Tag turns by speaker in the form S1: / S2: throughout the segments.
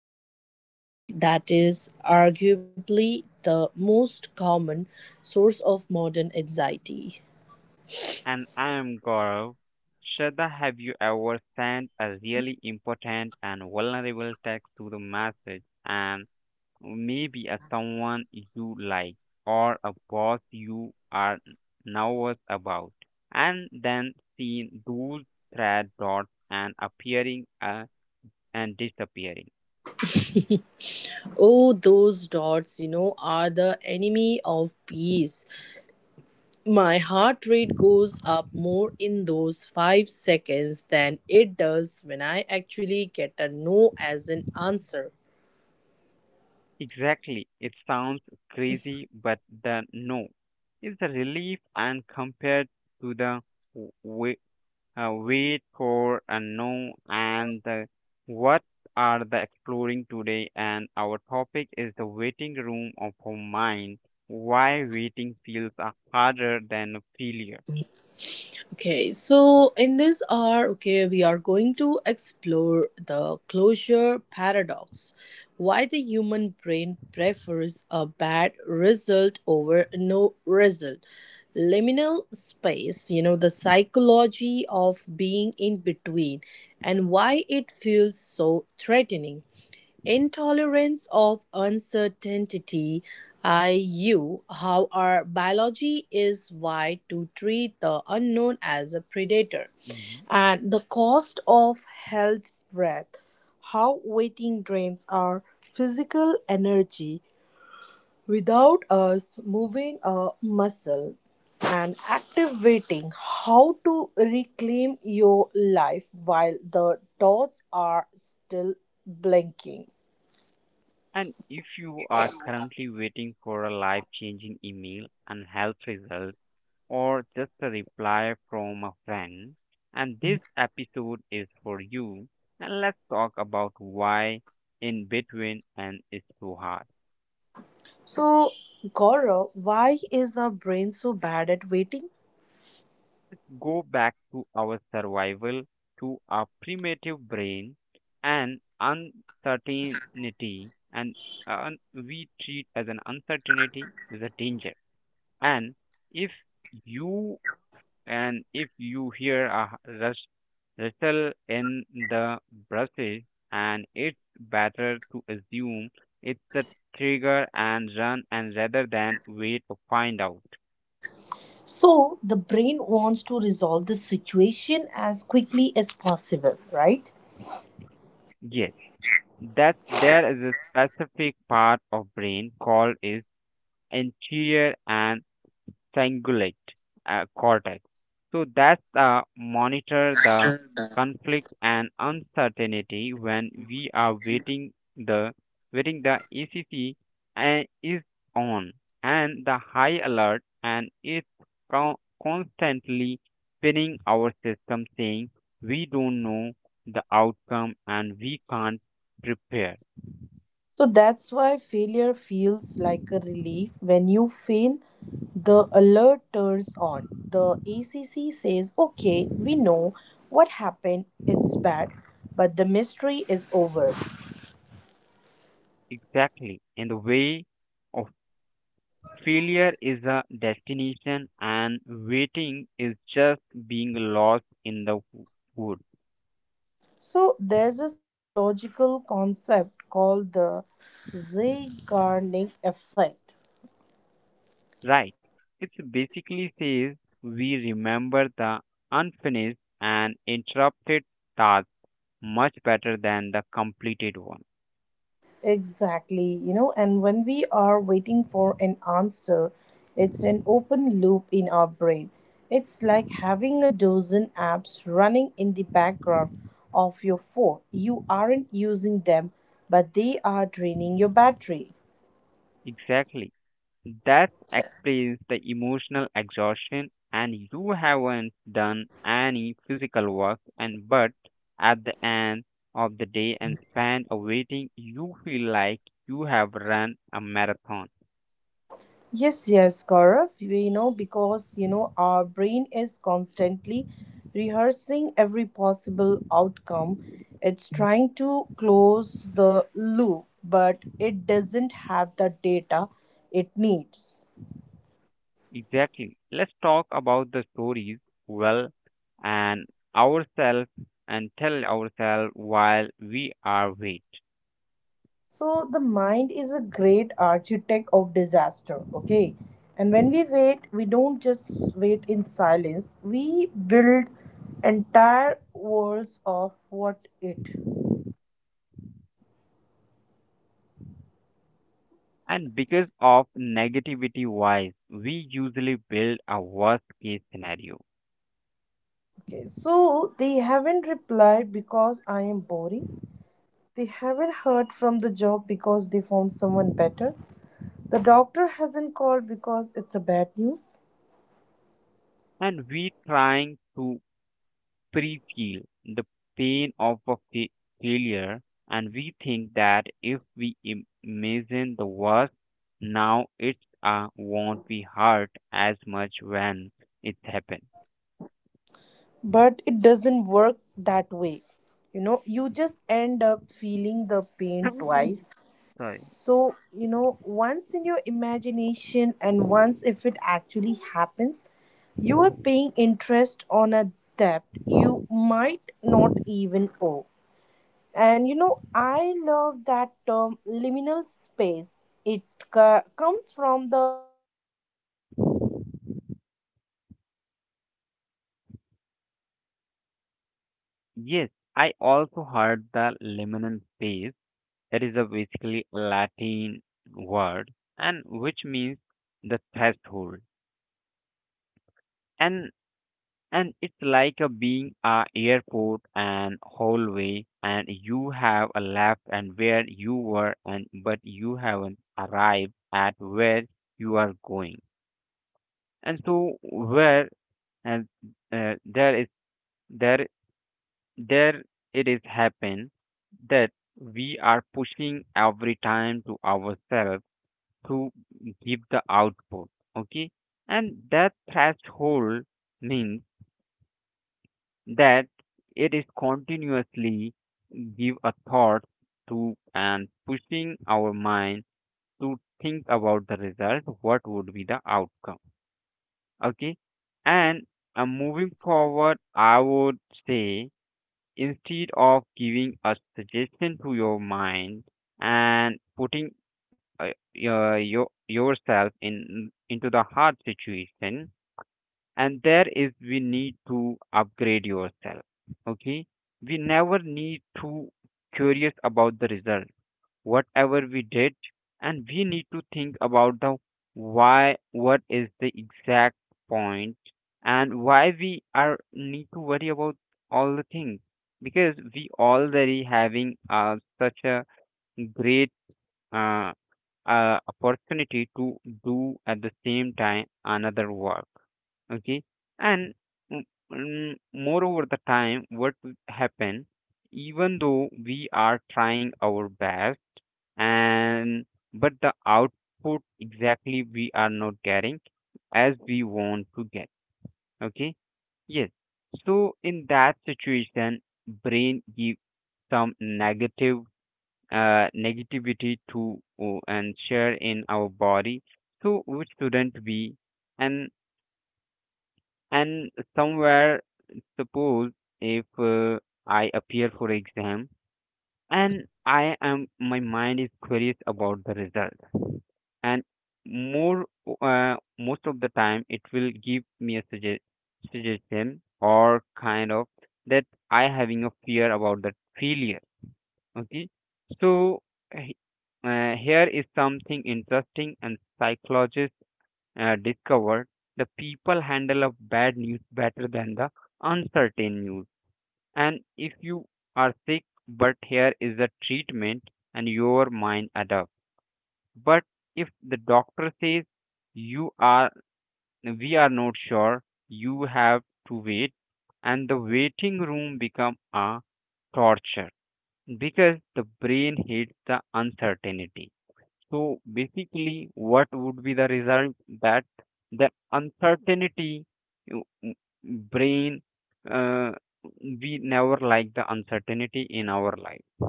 S1: state of being that is arguably the most common source of modern anxiety.
S2: And I am Gaurav. Shraddha, have you ever sent a really important and vulnerable text to the message and maybe a someone you like or a boss you are nervous about and then seen those red dots and appearing and disappearing?
S1: Oh, those dots, are the enemy of peace. My heart rate goes up more in those 5 seconds than it does when I actually get a no as an answer.
S2: Exactly. It sounds crazy, but the no is a relief and compared to the wait for and know and the, what are the exploring today and our topic is the waiting room of our mind, why waiting feels harder than a failure.
S1: Okay, so in this hour, okay, we are going to explore the closure paradox. Why the human brain prefers a bad result over no result. Liminal space, the psychology of being in between and why it feels so threatening. Intolerance of uncertainty, IU, how our biology is wired to treat the unknown as a predator,
S2: Hmm.
S1: and the cost of held breath, how waiting drains our physical energy without us moving a muscle, and active waiting, how to reclaim your life while the dots are still blinking.
S2: And if you are currently waiting for a life changing email and health result or just a reply from a friend, and this episode is for you. And let's talk about why in between and it's so hard.
S1: So, Gaurav, why is our brain so bad at waiting?
S2: Go back to our survival, to our primitive brain and uncertainty, and we treat as an uncertainty is a danger. And if you and if you hear a rustle in the bushes, and it's better to assume it's a trigger and run, and rather than wait to find out.
S1: So, the brain wants to resolve the situation as quickly as possible, right?
S2: Yes, that there is a specific part of brain called is anterior and cingulate cortex, so that's monitor the conflict and uncertainty when we are waiting. The waiting the ecc is on and the high alert and it's constantly spinning our system saying we don't know the outcome and we can't prepare.
S1: So, that's why failure feels like a relief. When you fail, the alert turns on. The ACC says, okay, we know what happened, it's bad, but the mystery is over.
S2: Exactly. In the way of failure is a destination and waiting is just being lost in the wood.
S1: So, there's a psychological concept called the Zeigarnik effect.
S2: Right. It basically says we remember the unfinished and interrupted task much better than the completed one.
S1: Exactly, and when we are waiting for an answer, it's an open loop in our brain. It's like having a dozen apps running in the background of your phone. You aren't using them, but they are draining your battery.
S2: Exactly. That explains the emotional exhaustion, and you haven't done any physical work. And but at the end of the day and spent waiting, you feel like you have run a marathon.
S1: Yes, yes, Gaurav. We know because our brain is constantly rehearsing every possible outcome. It's trying to close the loop, but it doesn't have the data it needs.
S2: Exactly. Let's talk about the stories well and ourselves and tell ourselves while we are wait.
S1: So the mind is a great architect of disaster, okay? And when we wait, we don't just wait in silence. We build entire worlds of what it.
S2: And because of negativity wise, we usually build a worst case scenario
S1: Okay, so they haven't replied because I am boring. They haven't heard from the job because they found someone better. The doctor hasn't called because it's a bad news.
S2: and we trying to pre-feel the pain of a failure, and we think that if we imagine the worst now it won't be hurt as much when it happens.
S1: But it doesn't work that way. You just end up feeling the pain twice.
S2: Right.
S1: So, once in your imagination and once if it actually happens, you are paying interest on a debt you might not even owe. And I love that
S2: Yes, I also heard the liminal space that is a basically latin word and which means the threshold, and and it's like a being a airport and hallway and you have a left and where you were and but you haven't arrived at where you are going. And so where and there is there there it is happen that we are pushing every time to ourselves to give the output. Okay. And that threshold means that it is continuously give a thought to and pushing our mind to think about the result, what would be the outcome. Okay. And moving forward I would say instead of giving a suggestion to your mind and putting your yourself in into the hard situation, and there is we need to upgrade yourself. Okay. We never need to curious about the result whatever we did, and we need to think about the why, what is the exact point and why we are need to worry about all the things because we already having such a great uh, opportunity to do at the same time another work. Okay. And m- moreover the time what will happen even though we are trying our best and but the output exactly we are not getting as we want to get. Okay. Yes, so in that situation brain give some negative negativity to and share in our body, so which shouldn't be. and and somewhere suppose if I appear for exam and I am my mind is curious about the result. And more, most of the time it will give me a suggestion or kind of that I having a fear about that failure. Okay, so he- here is something interesting and psychologists discovered the people handle of bad news better than the uncertain news. And if you are sick, but here is the treatment and your mind adapts. But if the doctor says you are, we are not sure, you have to wait, and the waiting room become a torture. Because the brain hates the uncertainty. So basically, what would be the result? That the uncertainty you- m- brain, uh, we never like the uncertainty in our life.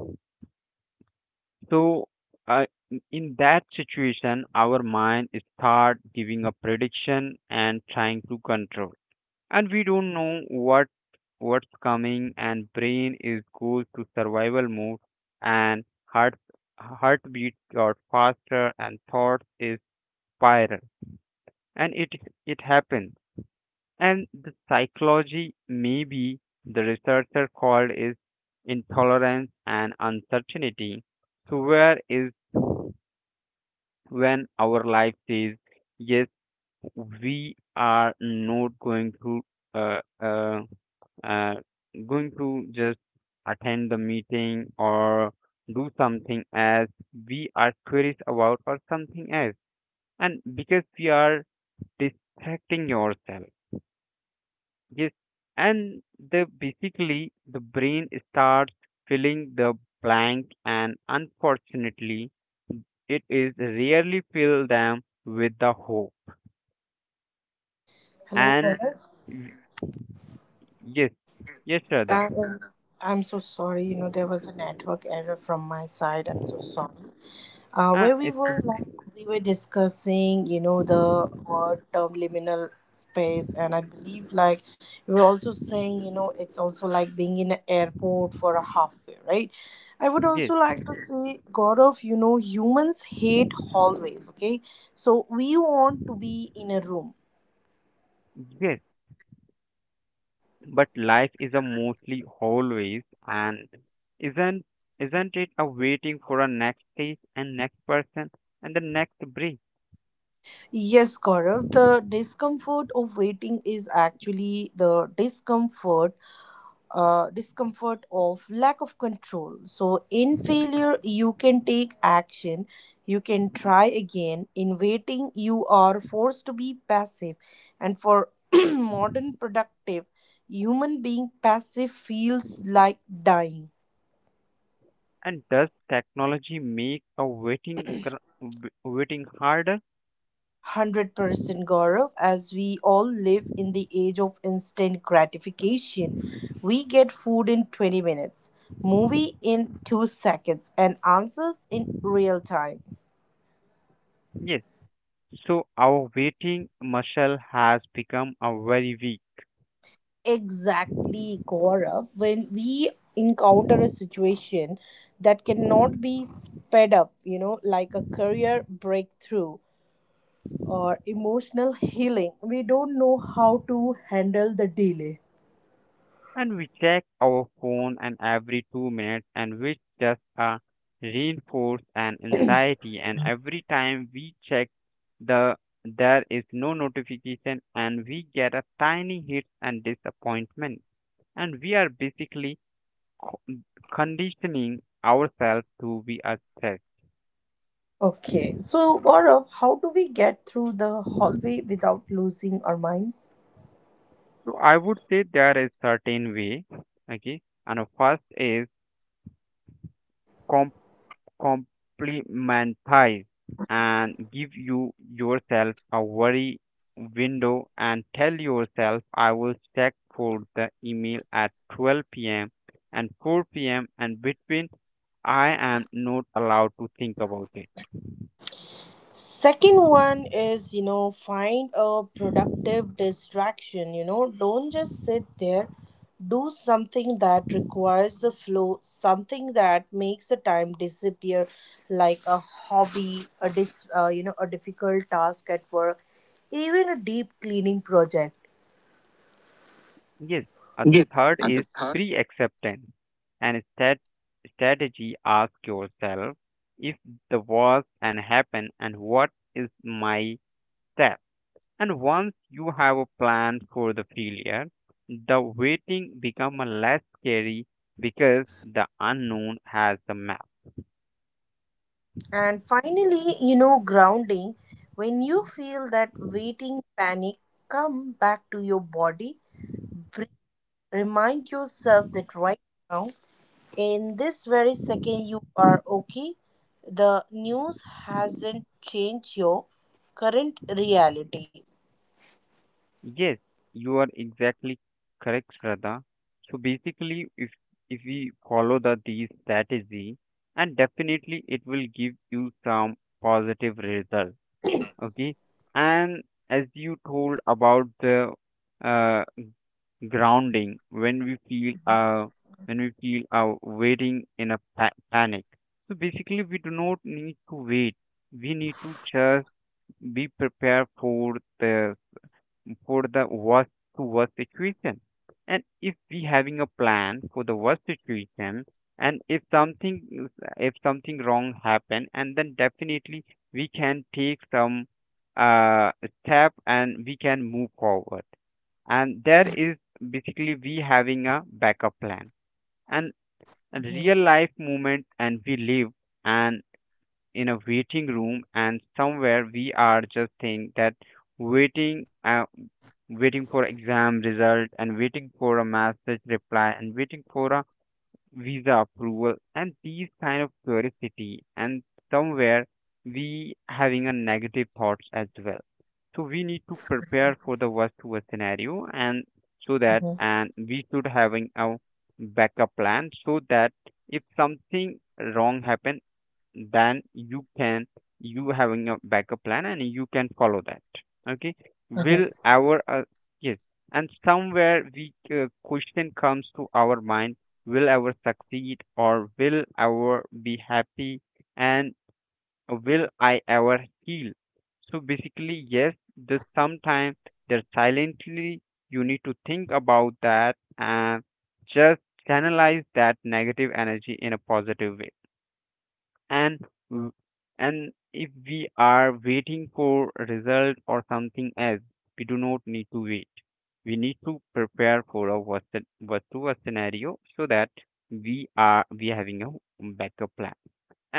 S2: So uh, in that situation, our mind start giving a prediction and trying to control and we don't know what's coming and brain is goes to survival mode and heartbeat got faster and thoughts is spiral and it happens. And the psychology maybe the researcher called is intolerance and uncertainty, so where is when our life says yes, we are not going to uh, uh, uh, going to just attend the meeting or do something as we are curious about or something else. And because we are distracting yourself. Yes. And the basically the brain starts filling the blank, and unfortunately it is rarely fill them with the hope. And
S3: Hello, Gaurav.
S2: y- yes, yes Radha.
S3: I am, I'm so sorry. You know, there was a network error from my side. I'm so sorry. Where we
S2: It's
S3: were, like, we were discussing, you know, the word term liminal space, and I believe, like, we were also saying, you know, it's also like being in an airport for a halfway, right? I would
S2: yes,
S3: also like to say, God of, you know, humans hate hallways, okay? So we want to be in a room.
S2: yes, but life is a mostly always and isn't isn't it a waiting for a next stage and next person and the next break.
S3: Yes, Gaurav, the discomfort of waiting is actually the discomfort of lack of control. So in failure, you can take action, you can try again. In waiting, you are forced to be passive. And for modern productive human being, passive feels like dying.
S2: And does technology make a waiting waiting harder?
S3: 100% Gaurav, as we all live in the age of instant gratification, we get food in 20 minutes, movie in 2 seconds, and answers in real time.
S2: Yes, so our waiting muscle has become a very weak.
S3: Exactly, Gaurav. When we encounter a situation that cannot be sped up, you know, like a career breakthrough or emotional healing, we don't know how to handle the delay.
S2: And we check our phone and every two minutes and which just reinforce an anxiety. And every time we check the there is no notification and we get a tiny hit and disappointment. And we are basically co- conditioning ourselves to be a stress.
S3: Okay, so Gaurav, how do we get through the hallway without losing our minds?
S2: So I would say there is certain way. Okay. And the first is Complimentize and give you yourself a worry window and tell yourself I will check for the email at 12 p.m. and 4 p.m. and between I am not allowed to think about it.
S3: Second one is, you know, find a productive distraction. You know, don't just sit there. Do something that requires the flow, something that makes the time disappear, like a hobby, you know, a difficult task at work, even a deep cleaning project.
S2: Yes, the third is pre acceptance and strategy. Ask yourself if the worst and happen and what is my step. And once you have a plan for the failure, the waiting become a less scary because the unknown has the map.
S3: And finally, you know, grounding. When you feel that waiting panic, come back to your body, breathe, remind yourself that right now, in this very second, you are okay. The news hasn't changed your current reality.
S2: Yes, you are exactly correct, Shraddha. So basically, if we follow the these strategy, and definitely it will give you some positive result. Okay. And as you told about the uh, grounding, when we feel waiting in a panic, so basically we do not need to wait, we need to just be prepared the for the worst to worst situation. And if we having a plan for the worst situation, and if something wrong happen, and then definitely we can take some uh, step and we can move forward. And there is basically we having a backup plan. And a
S3: Mhm,
S2: real life moment, and we live and in a waiting room, and somewhere we are just think that waiting waiting for exam result and waiting for a message reply and waiting for a visa approval and these kind of curiosity. And somewhere we having a negative thoughts as well, so we need to prepare for the worst to worst scenario and so that
S3: mhm,
S2: and we should having a backup plan so that if something wrong happen, then you can you having a backup plan and you can follow that. Okay. Will
S3: mhm.
S2: our yes and somewhere we question comes to our mind, will ever succeed or will ever be happy and will I ever heal. So basically yes, this sometimes, there silently you need to think about that and just channelize that negative energy in a positive way. And w- and if we are waiting for a result or something else, we do not need to wait. We need to prepare for a worst to worst scenario so that we having a backup plan.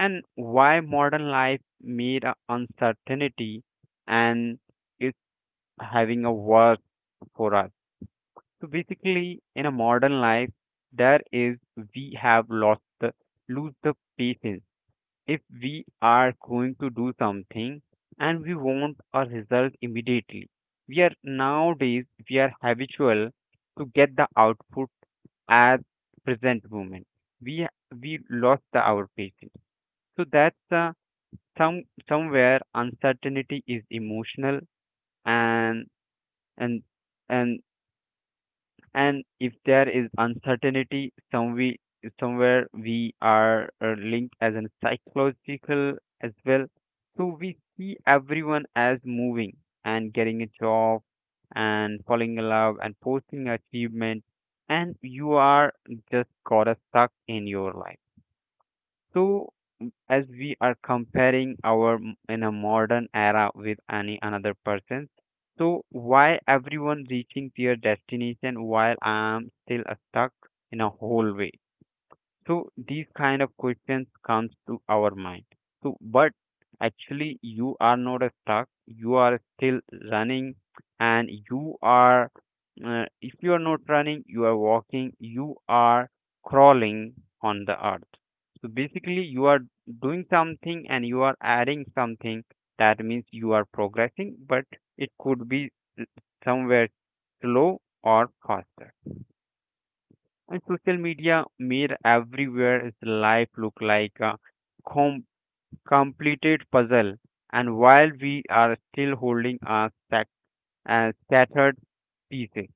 S2: And why modern life made a uncertainty and is having a worse for us. So basically in a modern life, there is we have lost the lose the patience. If we are going to do something and we want a result immediately. We are nowadays we are habitual to get the output at present moment. We we lost the our patience. So that's somewhere uncertainty is emotional. And and and and if there is uncertainty, somewhere we are linked as a psychological as well. So we see everyone as moving and getting a job and falling in love and posting achievement, and you are just got a stuck in your life. So, as we are comparing our in a modern era with any another person, so why everyone reaching their destination while I'm still stuck in a hallway? So these kind of questions comes to our mind. So but actually you are not stuck. You are still running, and you are if you are not running, you are walking. You are crawling on the earth. So basically, you are doing something and you are adding something. That means you are progressing, but it could be somewhere slow or faster. And social media made everywhere is life look like a com- completed puzzle. And while we are still holding our scattered pieces,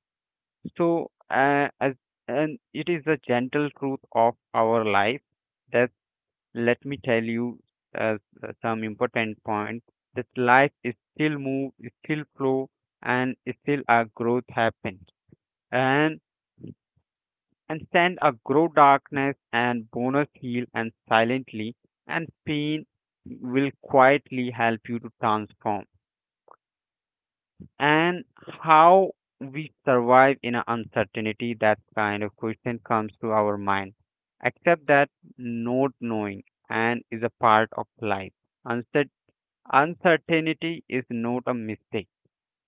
S2: so as and it is the gentle truth of our life that let me tell you uh, some important point that life is still move, is still flow, and is still our growth happens. And and send a grow darkness and bonus heal and silently and pain will quietly help you to transform and how we survive in an uncertainty, that kind of question comes to our mind, except that not knowing and is a part of life. Uncer- Uncertainty is not a mistake,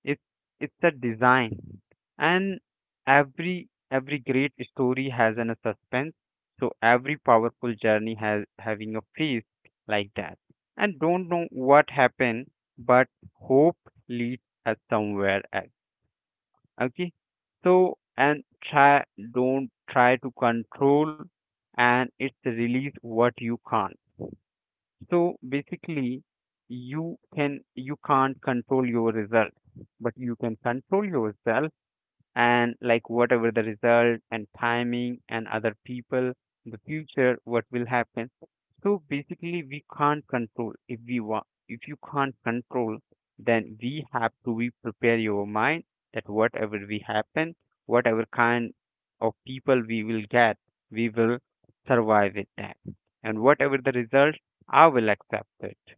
S2: it's it's a design, and every great story has an a suspense. So every powerful journey has having a phase like that, and don't know what happened, but hope leads us somewhere else. Okay, so and try don't try to control and it's release what you can't. So basically, you can't control your results, but you can control yourself and like whatever the result and timing and other people in the future what will happen. So basically we can't control. If we want, if you can't control, then we have to be prepare your mind that whatever we happen, whatever kind of people we will get, we will survive with that, and whatever the result, I will accept it.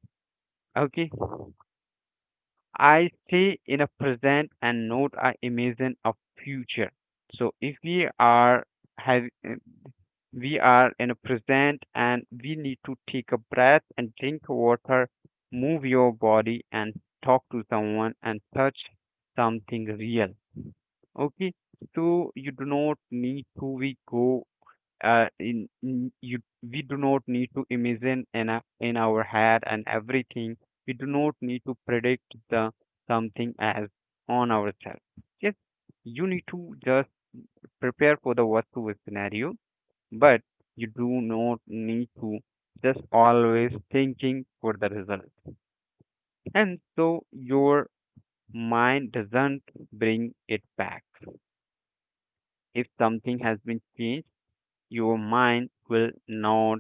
S2: Okay, I stay in a present and not I imagine a future. So if we are have we are in a present and we need to take a breath and drink water, move your body and talk to someone and touch something real. Okay, so you do not need to we go in you we do not need to imagine in, a, in our head and everything, we do not need to predict the something as on ourselves. Yes, you need to just prepare for the worst case scenario, but you do not need to just always thinking for the result, and so your mind doesn't bring it back. If something has been changed, your mind will not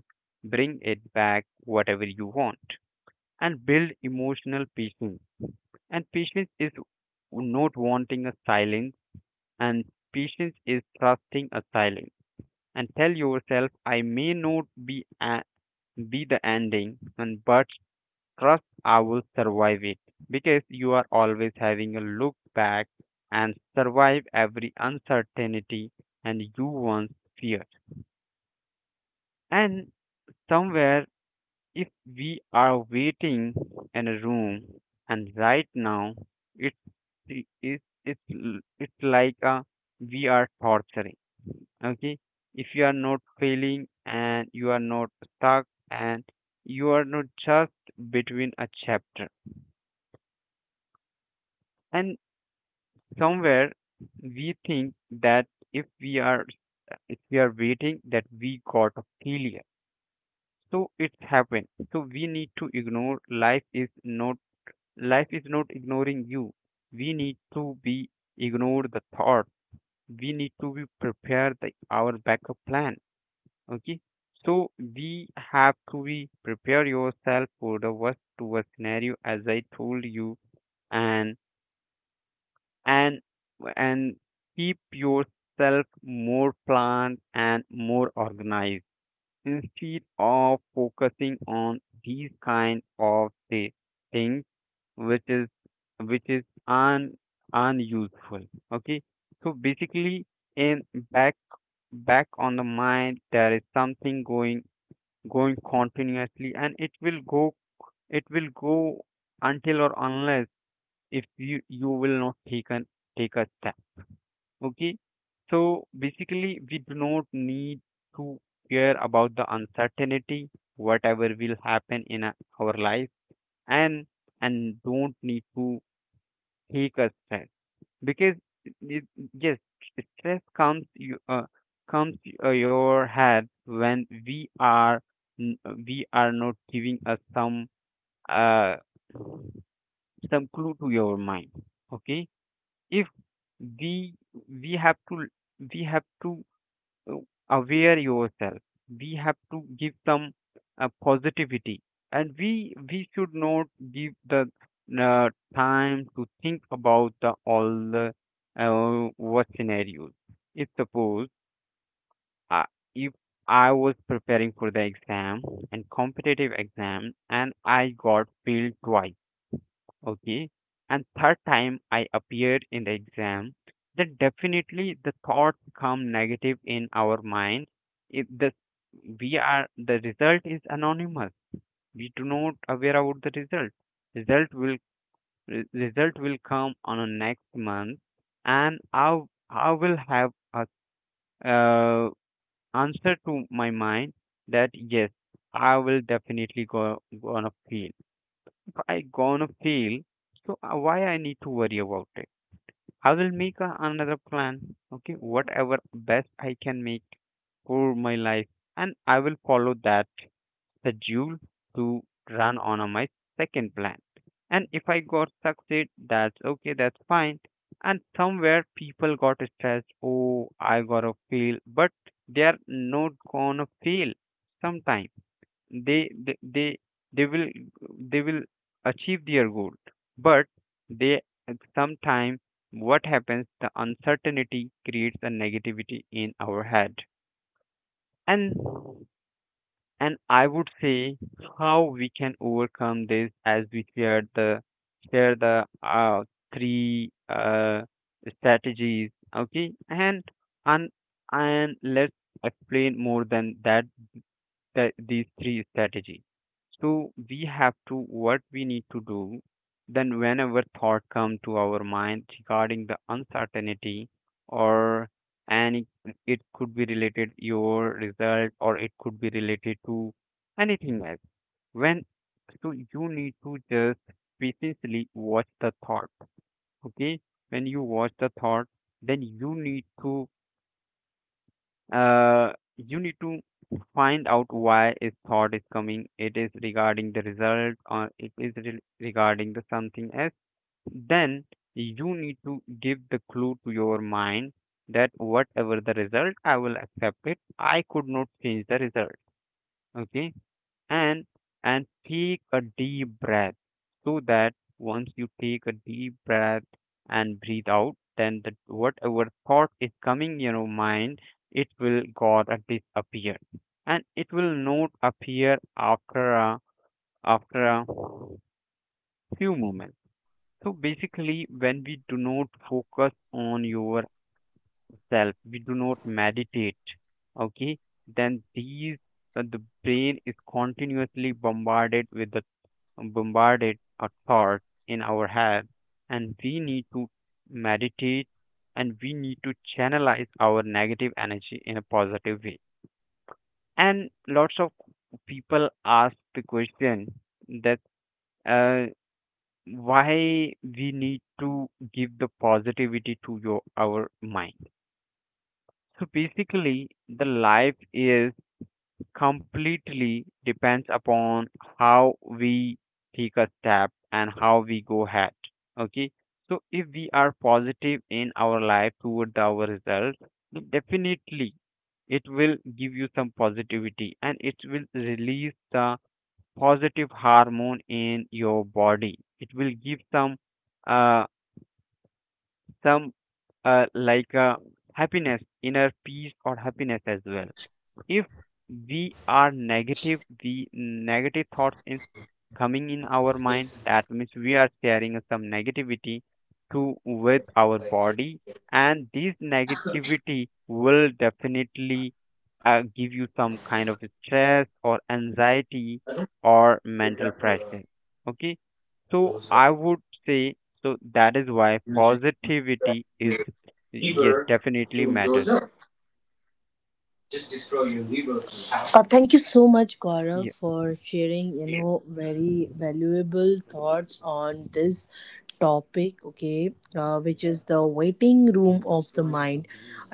S2: bring it back whatever you want. And build emotional patience, and patience is not wanting a silence, and patience is trusting a silence. And tell yourself, I may not be the ending and but trust I will survive it because you are always having a look back and survive every uncertainty and you once feared. And somewhere if we are waiting in a room and right now it's it's like a we are torturing. Okay, if you are not failing and you are not stuck and you are not just between a chapter. And somewhere we think that if we are if we are waiting that we got a failure, so it's happened. So we need to ignore life is not ignoring you. We need to be ignored the thought. We need to be prepared the, our backup plan. Okay. So we have to be prepare yourself for the worst to worst scenario as I told you, and and and keep yourself more planned and more organized instead of focusing on these kind of the things which is un unuseful. Okay, so basically, in back back on the mind, there is something going continuously, and it will go it will go until or unless if you will not take a step. Okay, so basically, we do not need to care about the uncertainty whatever will happen in our life, and and don't need to take a step. Because y- yes, stress comes your head when we are we are not giving us uh, some clue to your mind. Okay, if we we have to we have to uh, aware yourself, we have to give some positivity, and we should not give the uh, time to think about the all the what scenarios. If suppose uh, if I was preparing for the exam and competitive exam and I got failed twice. Okay. And third time I appeared in the exam, then definitely the thoughts become negative in our mind. It, the we are the result is anonymous. We do not aware about the result. Result will result will come on a next month, and I will have a uh, answer to my mind that yes, I will definitely go gonna fail, I gonna fail, so why I need to worry about it? I will make a, another plan, okay, whatever best I can make for my life, and I will follow that schedule to run on a, my second plan. And if I got succeed, that's okay, that's fine. And somewhere people got stressed, oh, I gotta fail, but they're not gonna fail sometime they they they, they will they will achieve their goal, but they sometimes what happens the uncertainty creates a negativity in our head. and and I would say how we can overcome this as we shared the three strategies. Okay, and and let's explain more than that the, these three strategy. So we have to what we need to do. Then whenever thought come to our mind regarding the uncertainty, or and it could be related your result or it could be related to anything else. When so you need to just patiently watch the thought. Okay, when you watch the thought, then uh, you need to find out why a thought is coming, it is regarding the result or it is regarding the something else. Then you need to give the clue to your mind that whatever the result, I will accept it, I could not change the result. Okay, and and take a deep breath, so that once you take a deep breath and breathe out, then the whatever thought is coming in your mind, it will got a disappear, and it will not appear after a, after a few moments. So basically when we do not focus on yourself, we do not meditate. Okay, then these the brain is continuously bombarded with the bombarded a thought in our head, and we need to meditate, and we need to channelize our negative energy in a positive way. And lots of people ask the question that uh, why we need to give the positivity to your our mind. So basically the life is completely depends upon how we take a step and how we go ahead. Okay, so if we are positive in our life toward our results, then definitely it will give you some positivity, and it will release the positive hormone in your body. It will give uh some uh, like uh, happiness, inner peace or happiness as well. If we are negative, the negative thoughts is coming in our mind, that means we are sharing some negativity to with our body, and this negativity will definitely give you some kind of stress or anxiety or mental pressure. Okay, so I would say, so that is why positivity is, yes, definitely matters.
S3: Thank you so much, Gaurav,
S2: Yeah,
S3: for sharing, you know, very valuable thoughts on this topic. Okay, which is the waiting room of the mind.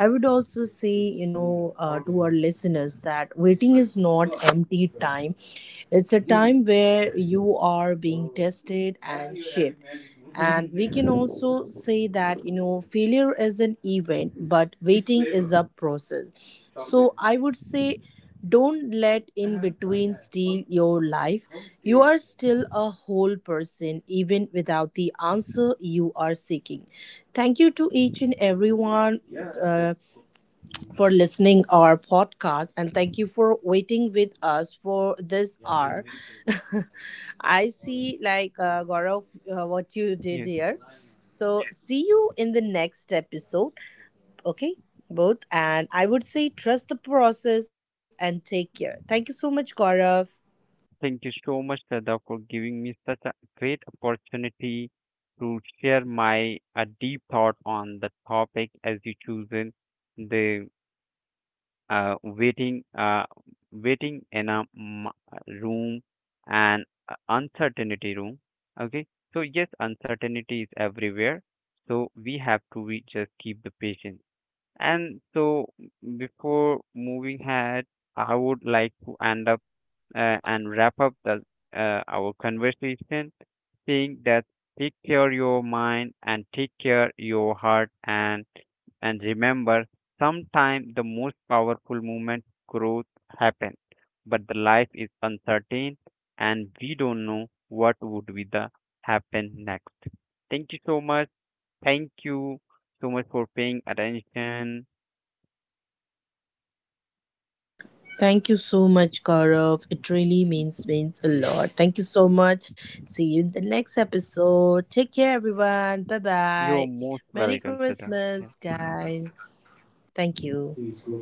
S3: I would also say, you know, to our listeners that waiting is not empty time. It's a time where you are being tested and shaped, and we can also say that, you know, failure is an event but waiting is a process. So I would say, don't let in between steal your life. You are still a whole person even without the answer you are seeking. Thank you to each and everyone, uh, for listening our podcast, and thank you for waiting with us for this hour. I see, like, Gaurav, what you did
S2: yeah.
S3: here. So, see you in the next episode. Okay, both. And I would say trust the process and take care. Thank you so much, Gaurav.
S2: Thank you so much, Shraddha, for giving me such a great opportunity to share my a deep thought on the topic as you chosen the waiting waiting in a room and uncertainty room. Okay, so yes, uncertainty is everywhere, so we have to we just keep the patience. And so before moving ahead, I would like to end up and wrap up the, our conversation, saying that take care your mind and take care your heart, and remember, sometimes the most powerful moment growth happens, but the life is uncertain, and we don't know what would be the happen next. Thank you so much. Thank you so much for paying attention.
S3: Thank you so much, Gaurav. It really means a lot. Thank you so much. See you in the next episode. Take care, everyone. Bye
S2: You're most
S3: bye.
S2: welcome,
S3: Merry
S2: Sada. Yeah.
S3: Christmas, guys. Thank you.